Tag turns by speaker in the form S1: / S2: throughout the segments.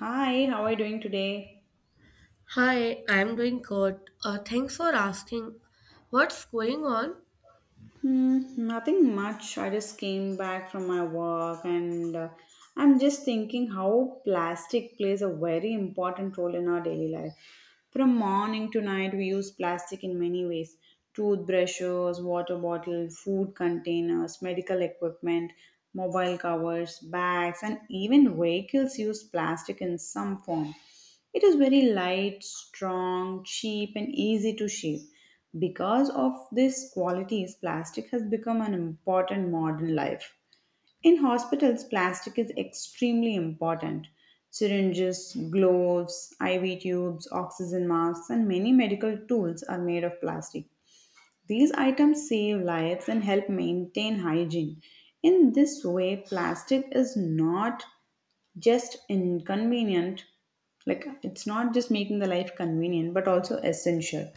S1: Hi, how are you doing today?
S2: Hi, I'm doing good. Thanks for asking. What's going on?
S1: Hmm, nothing much. I just came back from my work and I'm just thinking how plastic plays a very important role in our daily life. From morning to night, we use plastic in many ways: toothbrushes, water bottle, food containers, medical equipment, mobile covers, bags, and even vehicles use plastic in some form. It is very light, strong, cheap, and easy to shape. Because of these qualities, plastic has become an important modern life. In hospitals, plastic is extremely important. Syringes, gloves, IV tubes, oxygen masks, and many medical tools are made of plastic. These items save lives and help maintain hygiene. In this way, plastic is not just inconvenient, like it's not just making the life convenient but also essential.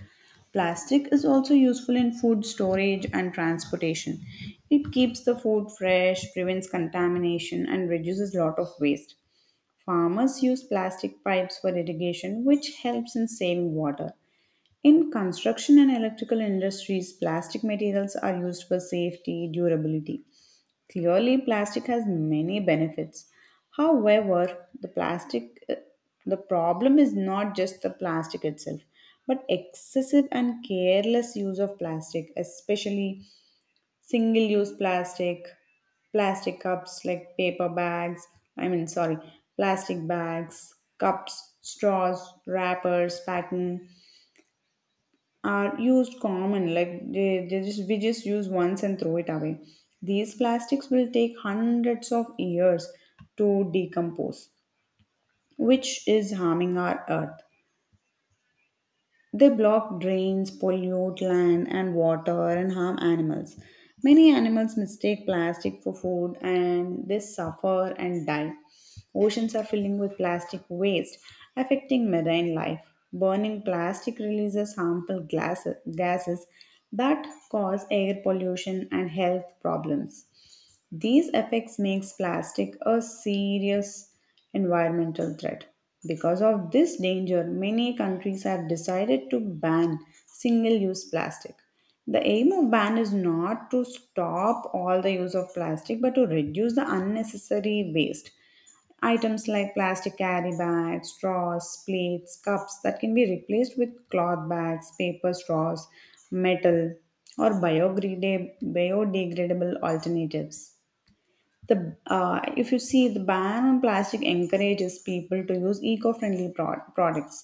S1: Plastic is also useful in food storage and transportation. It keeps the food fresh, prevents contamination, and reduces a lot of waste. Farmers use plastic pipes for irrigation, which helps in saving water. In construction and electrical industries, plastic materials are used for safety durability. Clearly, plastic has many benefits. However, the problem is not just the plastic itself, but excessive and careless use of plastic, especially single-use plastic. Plastic cups, like paper bags. I mean, sorry, Plastic bags, cups, straws, wrappers, pattern are used common, like they just we just use once and throw it away. These plastics will take hundreds of years to decompose, which is harming our earth. They block drains, pollute land and water, and harm animals. Many animals mistake plastic for food and they suffer and die. Oceans are filling with plastic waste, affecting marine life. Burning plastic releases harmful gases that cause air pollution and health problems. These effects makes plastic a serious environmental threat. Because of this danger, many countries have decided to ban single-use plastic. The aim of ban is not to stop all the use of plastic but to reduce the unnecessary waste. Items like plastic carry bags, straws, plates, cups that can be replaced with cloth bags, paper straws, metal, or biodegradable alternatives. The If you see, the ban on plastic encourages people to use eco-friendly products.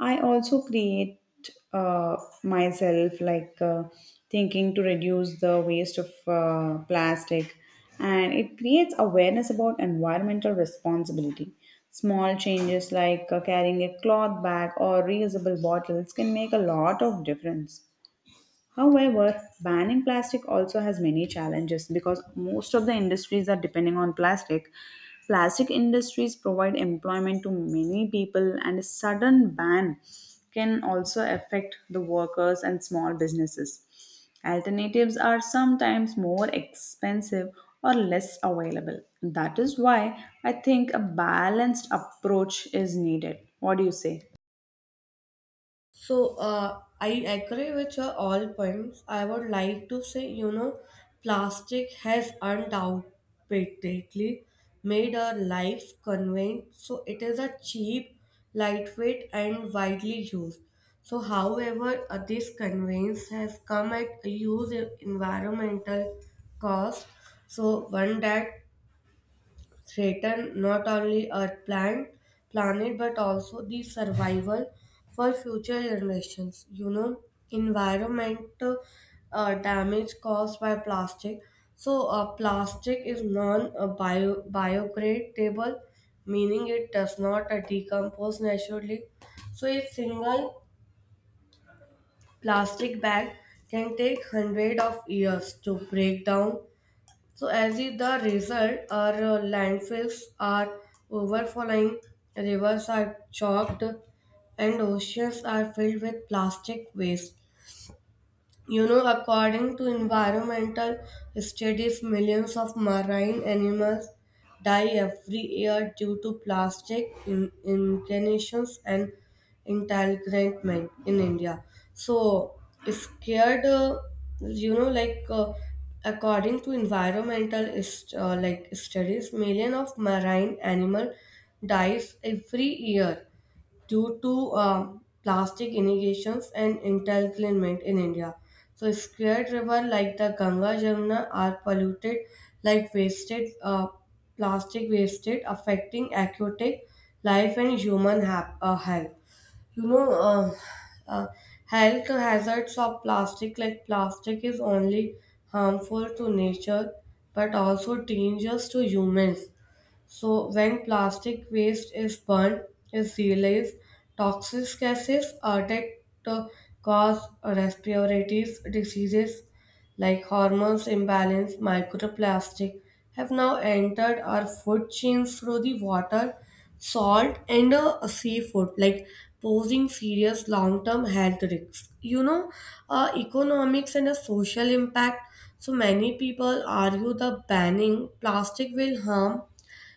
S1: I also create, uh, myself, thinking to reduce the waste of plastic, and it creates awareness about environmental responsibility. Small changes like carrying a cloth bag or reusable bottles can make a lot of difference. However, banning plastic also has many challenges because most of the industries are depending on plastic. Plastic industries provide employment to many people, and a sudden ban can also affect the workers and small businesses. Alternatives are sometimes more expensive or less available. That is why I think a balanced approach is needed. What do you say?
S2: So, I agree with your all points. I would like to say, plastic has undoubtedly made our life convenient. So, it is a cheap, lightweight, and widely used. So, however, this convenience has come at a huge environmental cost. So, one that threaten not only our planet but also the survival for future generations. Environment damage caused by plastic. So, plastic is biodegradable, meaning it does not decompose naturally. So, a single plastic bag can take hundred of years to break down, so as is the result, our landfills are overflowing, rivers are choked, and oceans are filled with plastic waste. According to environmental studies, millions of marine animals die every year due to plastic incarnations and entanglement in India. So, scared, like according to environmental like studies, million of marine animal dies every year due to plastic innovations and entanglement in India. So, scared rivers like the Ganga Jamuna are polluted like wasted plastic wasted, affecting aquatic life and human health. You know, uh, uh, health hazards of plastic, like plastic is only harmful to nature but also dangerous to humans. So when plastic waste is burned, is realized toxic gases are to cause respiratory diseases like hormones imbalance. Microplastic have now entered our food chains through the water, salt, and seafood, like posing serious long-term health risks. Economics and a social impact. So many people argue the banning plastic will harm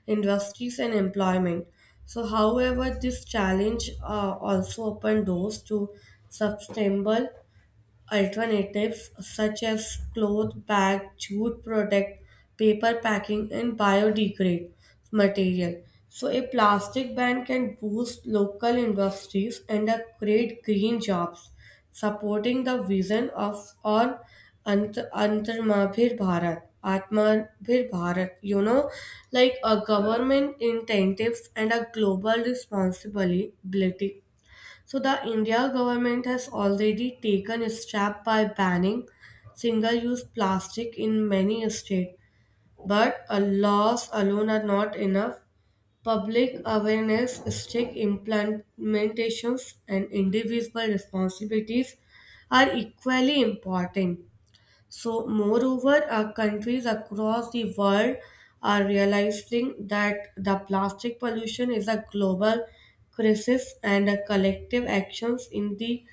S2: industries and employment. So, however, this challenge also opened doors to sustainable alternatives such as cloth bag, jute product, paper packing, and biodegrade material. So, a plastic ban can boost local industries and create green jobs, supporting the vision of on Antarmabhir Bharat, Atmabhir Bharat. Like a government incentives and a global responsibility, so the India government has already taken a step by banning single-use plastic in many states, but laws alone are not enough. Public awareness, strict implementations, and individual responsibilities are equally important. So, moreover, countries across the world are realizing that the plastic pollution is a global crisis and a collective actions in the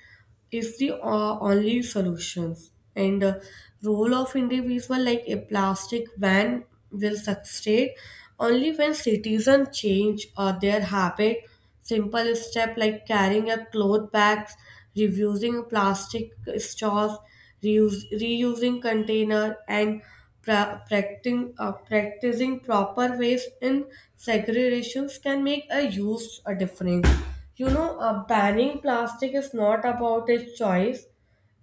S2: is the only solutions. And role of individual, like a plastic ban will succeed only when citizens change their habit. Simple step like carrying a cloth bags, reusing plastic straws, reusing container, and practicing proper waste in segregations can make a huge a difference. Banning plastic is not about a choice,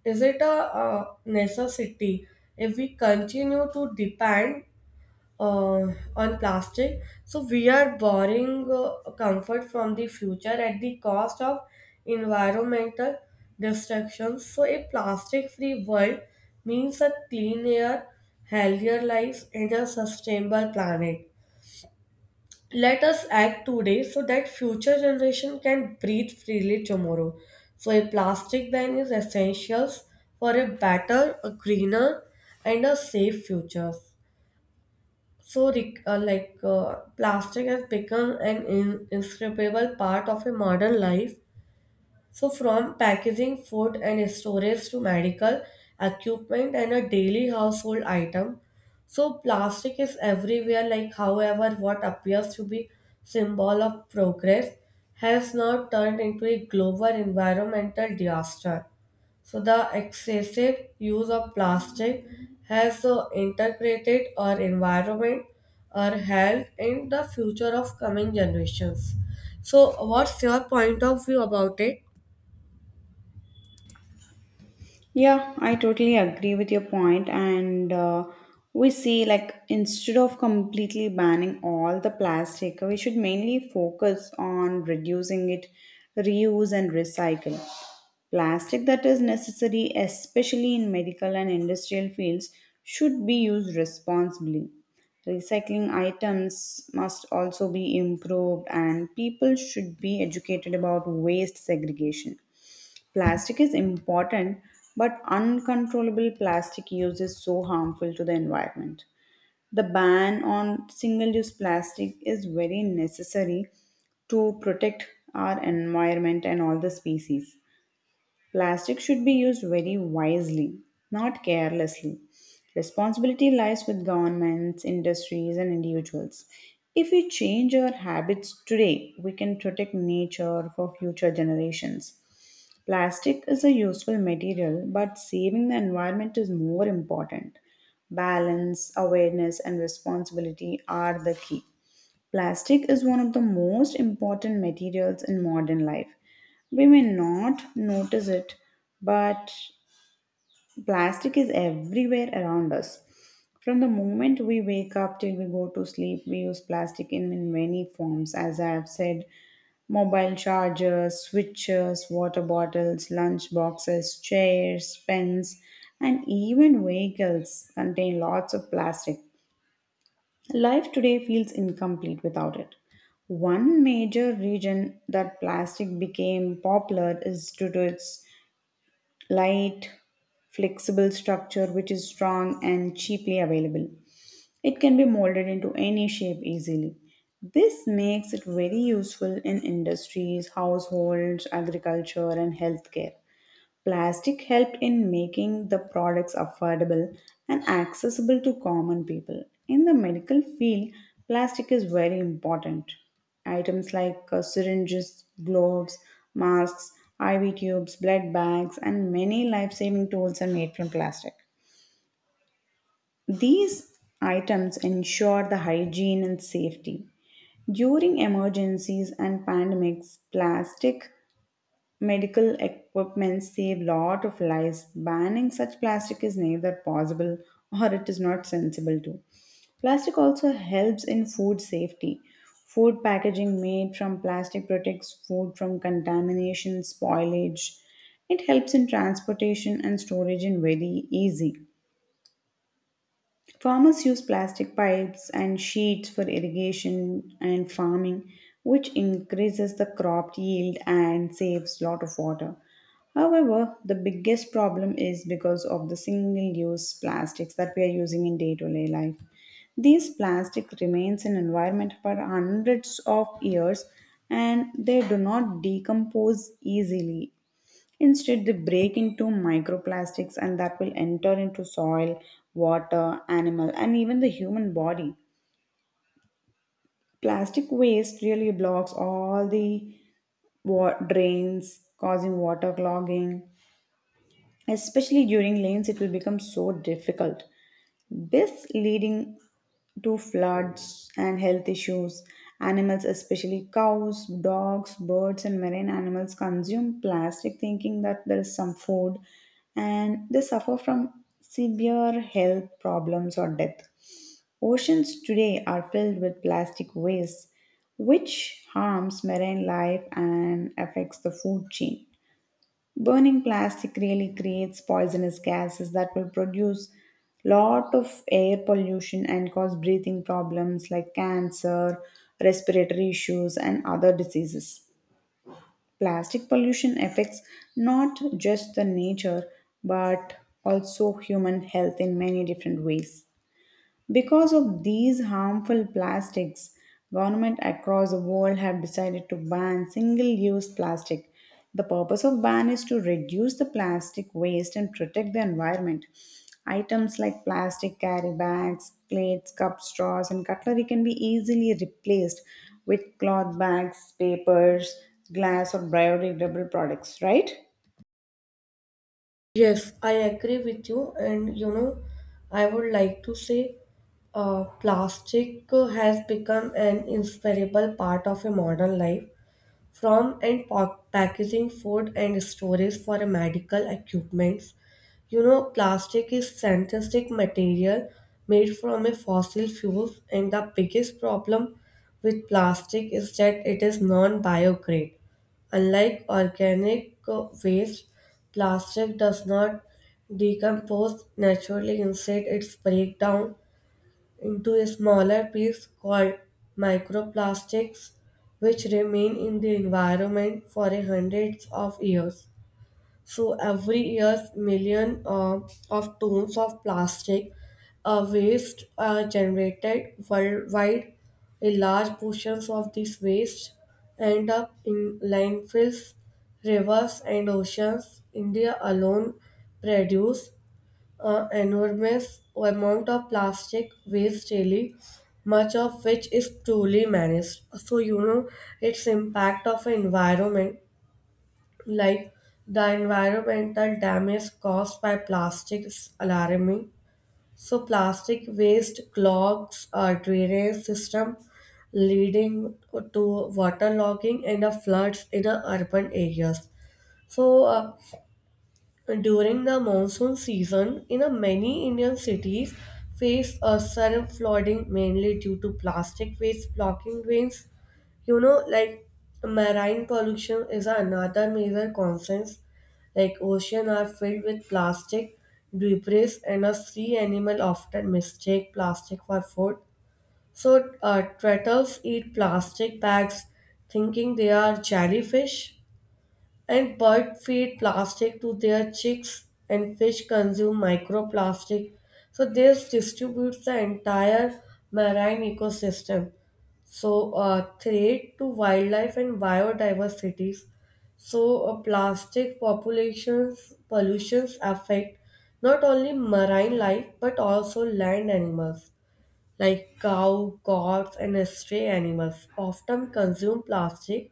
S2: is it a necessity if we continue to depend on plastic. So we are borrowing comfort from the future at the cost of environmental destruction. So a plastic-free world means a clean air, healthier lives, and a sustainable planet. Let us act today so that future generation can breathe freely tomorrow. So a plastic ban is essential for a better, a greener, and a safe future. So, like, plastic has become an inscribable part of a modern life, so, from packaging food and storage to medical equipment and a daily household item. So, plastic is everywhere, like, however, what appears to be symbol of progress has now turned into a global environmental disaster. So, the excessive use of plastic has integrated our environment, our health, and the future of coming generations. So, what's your point of view about it?
S1: Yeah, I totally agree with your point, and we see, like instead of completely banning all the plastic, we should mainly focus on reducing it, reuse and recycle. Plastic that is necessary, especially in medical and industrial fields, should be used responsibly. Recycling items must also be improved, and people should be educated about waste segregation. Plastic is important, but uncontrollable plastic use is so harmful to the environment. The ban on single use plastic is very necessary to protect our environment and all the species. Plastic should be used very wisely, not carelessly. Responsibility lies with governments, industries, and individuals. If we change our habits today, we can protect nature for future generations. Plastic is a useful material, but saving the environment is more important. Balance, awareness, and responsibility are the key. Plastic is one of the most important materials in modern life. We may not notice it, but plastic is everywhere around us. From the moment we wake up till we go to sleep, we use plastic in many forms. As I have said, mobile chargers, switches, water bottles, lunch boxes, chairs, pens, and even vehicles contain lots of plastic. Life today feels incomplete without it. One major reason that plastic became popular is due to its light, flexible structure, which is strong and cheaply available. It can be molded into any shape easily. This makes it very useful in industries, households, agriculture, and healthcare. Plastic helped in making the products affordable and accessible to common people. In the medical field, plastic is very important. Items like syringes, gloves, masks, IV tubes, blood bags, and many life saving tools are made from plastic. These items ensure the hygiene and safety. During emergencies and pandemics, plastic medical equipment save lot of lives. Banning such plastic is neither possible or it is not sensible to. Plastic also helps in food safety. Food packaging made from plastic protects food from contamination, spoilage. It helps in transportation and storage in very easy. Farmers use plastic pipes and sheets for irrigation and farming, which increases the crop yield and saves lot of water. However, the biggest problem is because of the single use plastics that we are using in day to day life. These plastic remains in environment for hundreds of years and they do not decompose easily. Instead, they break into microplastics and that will enter into soil, water, animal, and even the human body. Plastic waste really blocks all the drains, causing water clogging. Especially during rains, it will become so difficult. This leading to floods and health issues. Animals, especially cows, dogs, birds, and marine animals, consume plastic thinking that there is some food, and they suffer from severe health problems or death. Oceans today are filled with plastic waste, which harms marine life and affects the food chain. Burning plastic really creates poisonous gases that will produce lot of air pollution and cause breathing problems like cancer, respiratory issues, and other diseases. Plastic pollution affects not just the nature but also human health in many different ways. Because of these harmful plastics, government across the world have decided to ban single-use plastic. The purpose of ban is to reduce the plastic waste and protect the environment. Items like plastic carry bags, plates, cups, straws, and cutlery can be easily replaced with cloth bags, papers, glass, or biodegradable products, right?
S2: Yes, I agree with you. And I would like to say plastic has become an inseparable part of a modern life, from and packaging food and storage for medical equipments. Plastic is synthetic material made from a fossil fuels, and the biggest problem with plastic is that it is non-biograde, unlike organic waste. Plastic does not decompose naturally; instead, it's breakdown into a smaller piece called microplastics, which remain in the environment for hundreds of years. So every year, millions of tons of plastic waste are generated worldwide. A large portions of this waste end up in landfills, rivers, and oceans. India alone produce enormous amount of plastic waste daily, much of which is truly managed. So its impact of environment, like the environmental damage caused by plastic is alarming. So plastic waste clogs our drainage system, leading to waterlogging and the floods in the urban areas. So during the monsoon season, in a many Indian cities face a sudden flooding mainly due to plastic waste blocking drains. Like marine pollution is another major concern. Like ocean are filled with plastic debris, and a sea animal often mistake plastic for food. So, turtles eat plastic bags, thinking they are jellyfish. And birds feed plastic to their chicks, and fish consume microplastic. So this distributes the entire marine ecosystem. So a threat to wildlife and biodiversities. So plastic populations pollutions affect not only marine life but also land animals like cow, goats, and stray animals, often consume plastic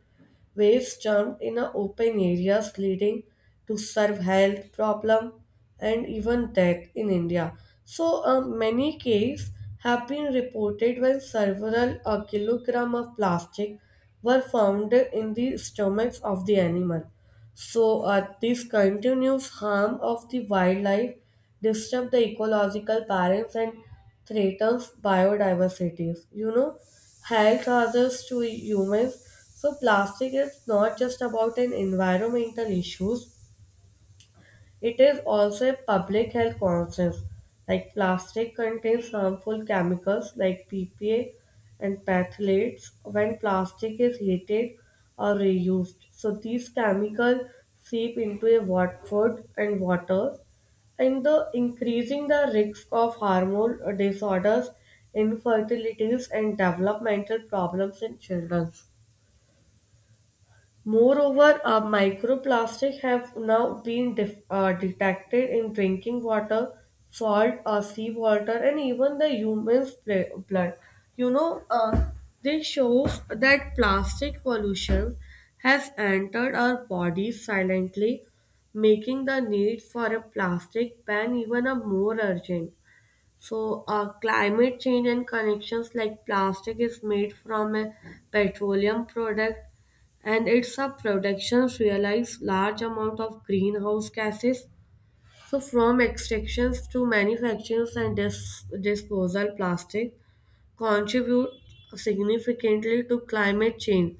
S2: waste dumped in a open areas, leading to serve health problem and even death in India. So many cases have been reported when several kilogram of plastic were found in the stomachs of the animal. So this continuous harm of the wildlife disturb the ecological balance and threatens biodiversity. Health hazards to humans. So plastic is not just about an environmental issues. It is also a public health conscience. Like plastic contains harmful chemicals like PPA and phthalates when plastic is heated or reused. So these chemicals seep into a food and water and the increasing the risk of hormone disorders, infertilities and developmental problems in children. Moreover, microplastics have now been detected in drinking water, salt, seawater, and even the human's blood. You know, uh, this shows that plastic pollution has entered our bodies silently, making the need for a plastic ban even a more urgent. So, climate change and connections, like plastic is made from a petroleum product, and its productions realize large amount of greenhouse gases. So from extractions to manufactures and disposal, plastic contribute significantly to climate change.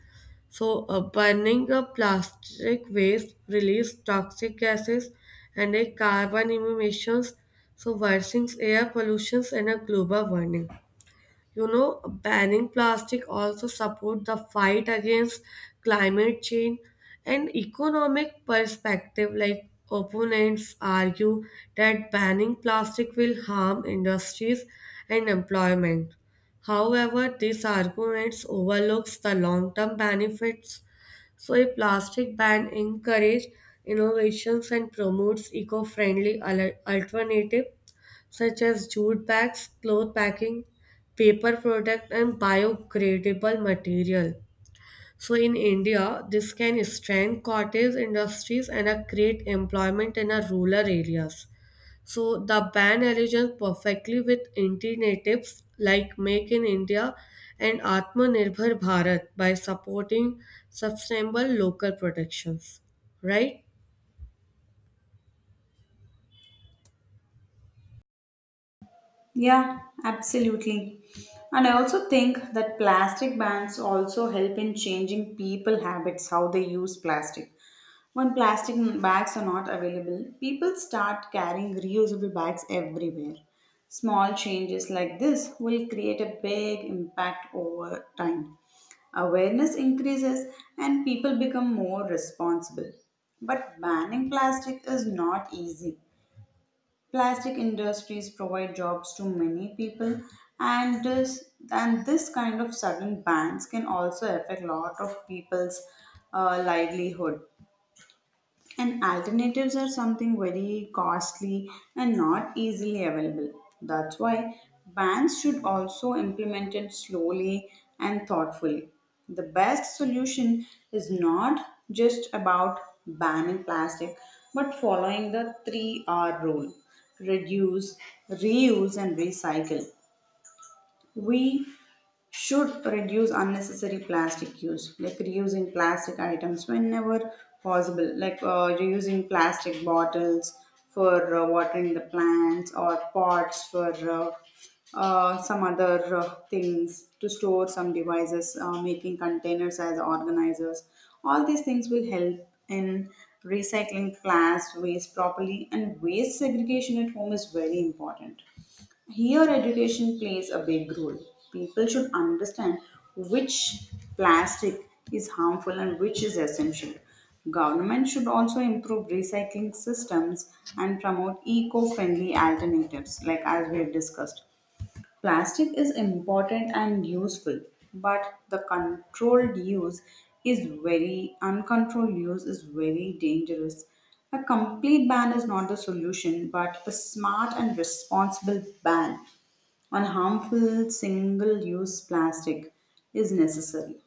S2: So burning a plastic waste release toxic gases and a carbon emissions, so worsening air pollutions and a global warming. Banning plastic also support the fight against climate change and economic perspective, like opponents argue that banning plastic will harm industries and employment. However, these arguments overlooks the long term benefits, so a plastic ban encourages innovations and promotes eco-friendly alternative such as jute bags, cloth packing, paper product, and biodegradable material. So in India, this can strengthen cottage industries and create employment in rural areas. So the ban aligns perfectly with initiatives like Make in India and Atmanirbhar Bharat by supporting sustainable local productions. Right?
S1: Yeah, absolutely. And I also think that plastic bans also help in changing people habits how they use plastic. When plastic bags are not available, people start carrying reusable bags everywhere. Small changes like this will create a big impact over time. Awareness increases and people become more responsible. But banning plastic is not easy. Plastic industries provide jobs to many people, and this kind of sudden bans can also affect a lot of people's livelihood. And alternatives are something very costly and not easily available. That's why bans should also implement it slowly and thoughtfully. The best solution is not just about banning plastic, but following the 3R rule: reduce, reuse, and recycle. We should reduce unnecessary plastic use, like reusing plastic items whenever possible, like reusing plastic bottles for watering the plants, or pots for some other things, to store some devices, making containers as organizers. All these things will help in recycling glass waste properly, and waste segregation at home is very important. Here, education plays a big role. People should understand which plastic is harmful and which is essential. Government should also improve recycling systems and promote eco-friendly alternatives, like as we have discussed. Plastic is important and useful, but the controlled use is very uncontrolled use is very dangerous. A complete ban is not the solution, but a smart and responsible ban on harmful single use plastic is necessary.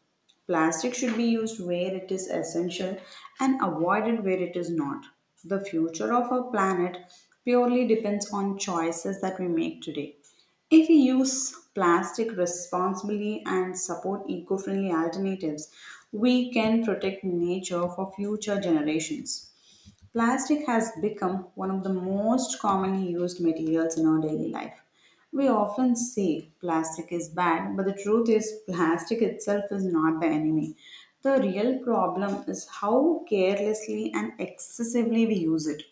S1: Plastic should be used where it is essential and avoided where it is not. The future of our planet purely depends on choices that we make today. If we use plastic responsibly and support eco friendly alternatives, we can protect nature for future generations. Plastic has become one of the most commonly used materials in our daily life. We often say plastic is bad, but the truth is, plastic itself is not the enemy. The real problem is how carelessly and excessively we use it.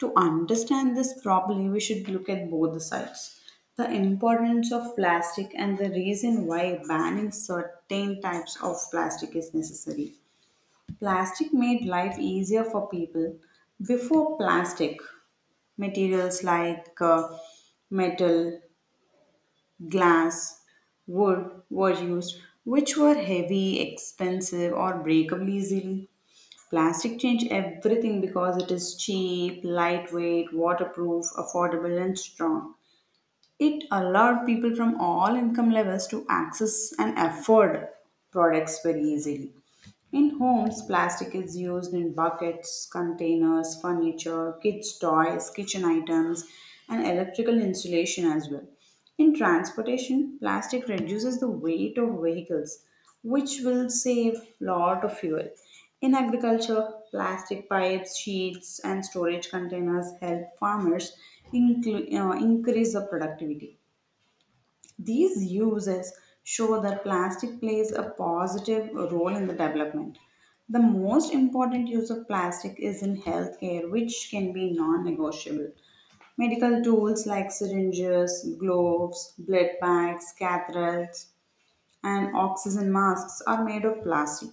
S1: To understand this properly, we should look at both the sides: the importance of plastic and the reason why banning certain types of plastic is necessary. Plastic made life easier for people. Before plastic, materials like metal, glass, wood were used, which were heavy, expensive, or breakable easily. Plastic changed everything because it is cheap, lightweight, waterproof, affordable, and strong. It allowed people from all income levels to access and afford products very easily. In homes, plastic is used in buckets, containers, furniture, kids' toys, kitchen items, and electrical insulation as well. In transportation, plastic reduces the weight of vehicles, which will save lot of fuel. In agriculture, plastic pipes, sheets, and storage containers help farmers increase the productivity. These uses show that plastic plays a positive role in the development. The most important use of plastic is in healthcare, which can be non negotiable. Medical tools like syringes, gloves, blood bags, catheters, and oxygen masks are made of plastic.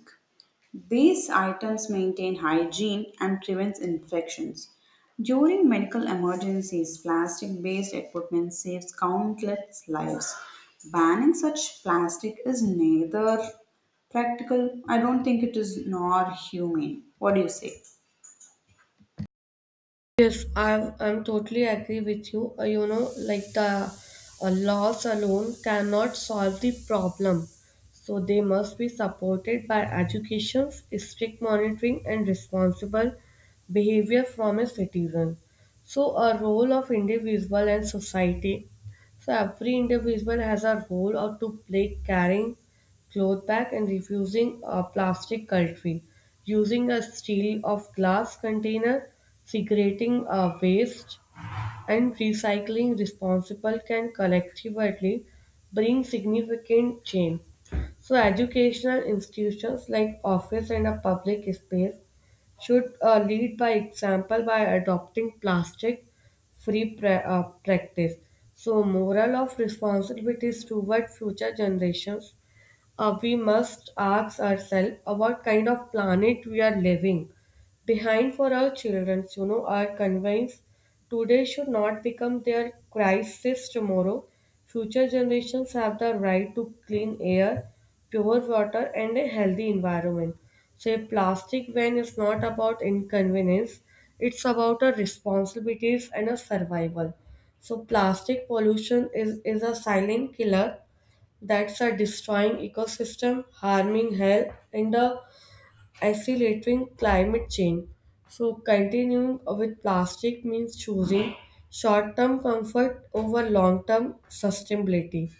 S1: These items maintain hygiene and prevents infections. During medical emergencies, plastic-based equipment saves countless lives. Banning such plastic is neither practical, I don't think it is, nor humane. What do you say?
S2: Yes, I'm totally agree with you. Like the laws alone cannot solve the problem. So they must be supported by education, strict monitoring, and responsible behavior from a citizen. So a role of individual and society. So every individual has a role or to play, caring cloth bag and refusing a plastic cutlery, using a steel of glass container, segregating waste, and recycling responsible can collectively bring significant change. So, educational institutions like office and a public space should lead by example by adopting plastic free practice. So, moral of responsibilities toward future generations. We must ask ourselves about kind of planet we are living behind for our children, so, our convinced today should not become their crisis tomorrow. Future generations have the right to clean air, pure water, and a healthy environment. So a plastic ban is not about inconvenience; it's about our responsibilities and our survival. So plastic pollution is a silent killer, that's a destroying ecosystem, harming health and the accelerating climate change. So, continuing with plastic means choosing short term comfort over long term sustainability.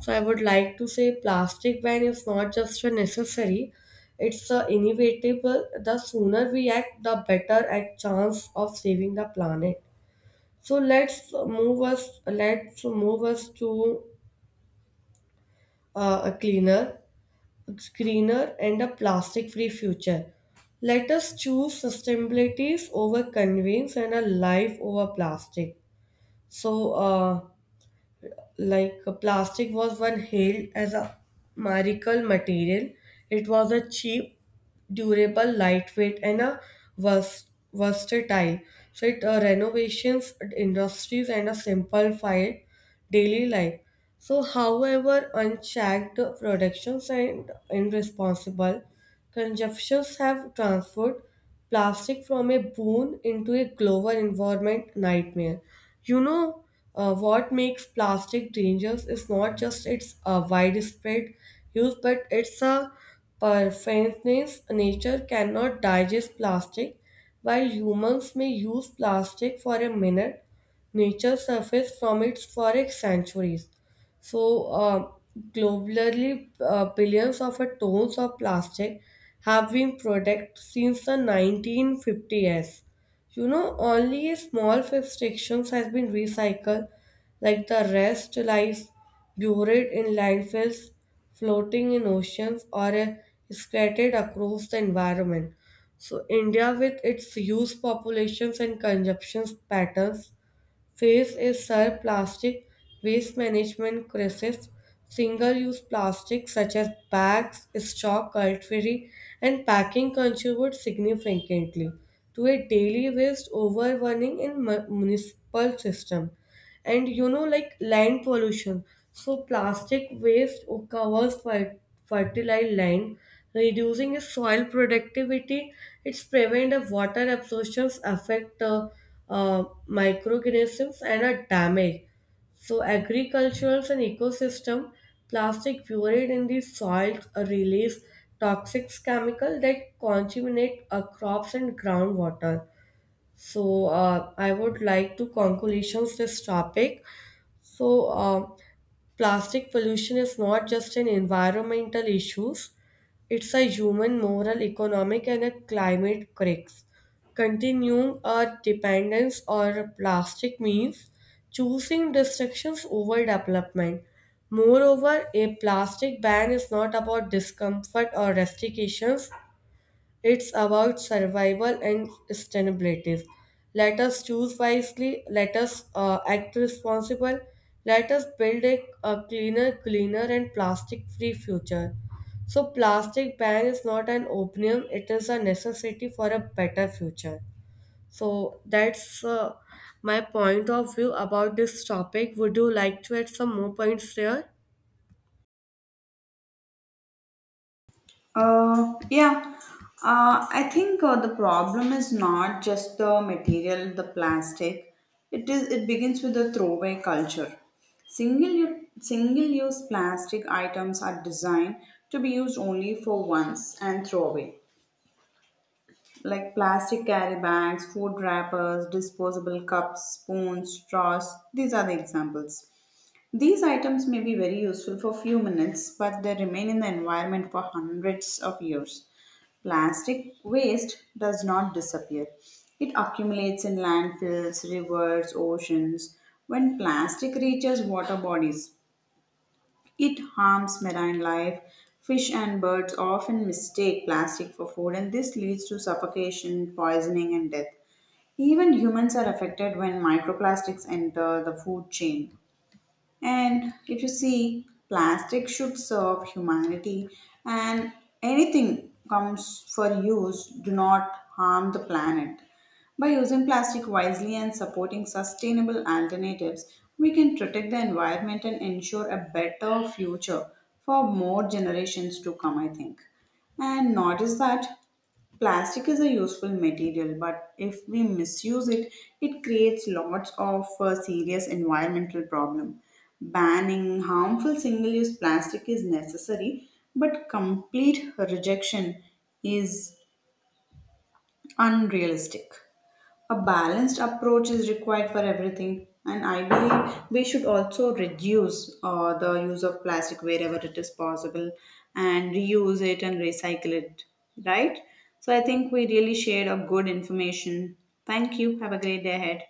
S2: So, I would like to say plastic ban is not just a necessary, it's a inevitable. The sooner we act, the better at chance of saving the planet. So, let's move us to a cleaner, greener, and a plastic free future. Let us choose sustainability over convenience, and a life over plastic. So, like plastic was once hailed as a miracle material. It was a cheap, durable, lightweight, and a versatile. So, it renovations, industries, and a simplified daily life. So, however, unchecked productions and irresponsible consumptions have transferred plastic from a boon into a global environment nightmare. You know, what makes plastic dangerous is not just its widespread use, but its pervasiveness. Nature cannot digest plastic. While humans may use plastic for a minute, nature surfaced from its forest sanctuaries. So, globally, billions of tons of plastic have been produced since the 1950s. Only a small fractions has been recycled, like the rest lies buried in landfills, floating in oceans, or scattered across the environment. So India, with its huge populations and consumption patterns, phase is sir plastic waste management crisis. Single-use plastics such as bags, straw, cutlery, and packing contribute significantly to a daily waste, overwhelming in municipal system. And like land pollution, so plastic waste covers fertile land, reducing its soil productivity. It's prevent the water absorptions, affect microorganisms and a damage, so agricultural and ecosystem. Plastic buried in the soil release toxic chemical that contaminate crops and groundwater. So I would like to conclusions this topic. So, plastic pollution is not just an environmental issues; it's a human, moral, economic, and a climate crisis. Continuing our dependence on plastic means choosing destructions over development. Moreover, a plastic ban is not about discomfort or restrictions. It's about survival and sustainability. Let us choose wisely, let us act responsible, let us build a cleaner, and plastic free future. So, plastic ban is not an opinion, it is a necessity for a better future. So, that's my point of view about this topic. Would you like to add some more points here?
S1: Yeah, I think the problem is not just the material, the plastic. It is. It begins with the throwaway culture. Single-use plastic items are designed to be used only for once and throw away, like plastic carry bags, food wrappers, disposable cups, spoons, straws. These are the examples. These items may be very useful for few minutes, but they remain in the environment for hundreds of years. Plastic waste does not disappear. It accumulates in landfills, rivers, oceans. When plastic reaches water bodies, it harms marine life. Fish and birds often mistake plastic for food, and this leads to suffocation, poisoning, and death. Even humans are affected when microplastics enter the food chain. And if you see, plastic should serve humanity, and anything comes for use, do not harm the planet. By using plastic wisely and supporting sustainable alternatives, we can protect the environment and ensure a better future for more generations to come, I think. And notice that. Plastic is a useful material, but if we misuse it, it creates lots of serious environmental problem. Banning harmful single-use plastic is necessary, but complete rejection is unrealistic. A balanced approach is required for everything, and I believe we should also reduce the use of plastic wherever it is possible and reuse it and recycle it, right? So I think we really shared a good information. Thank you. Have a great day ahead.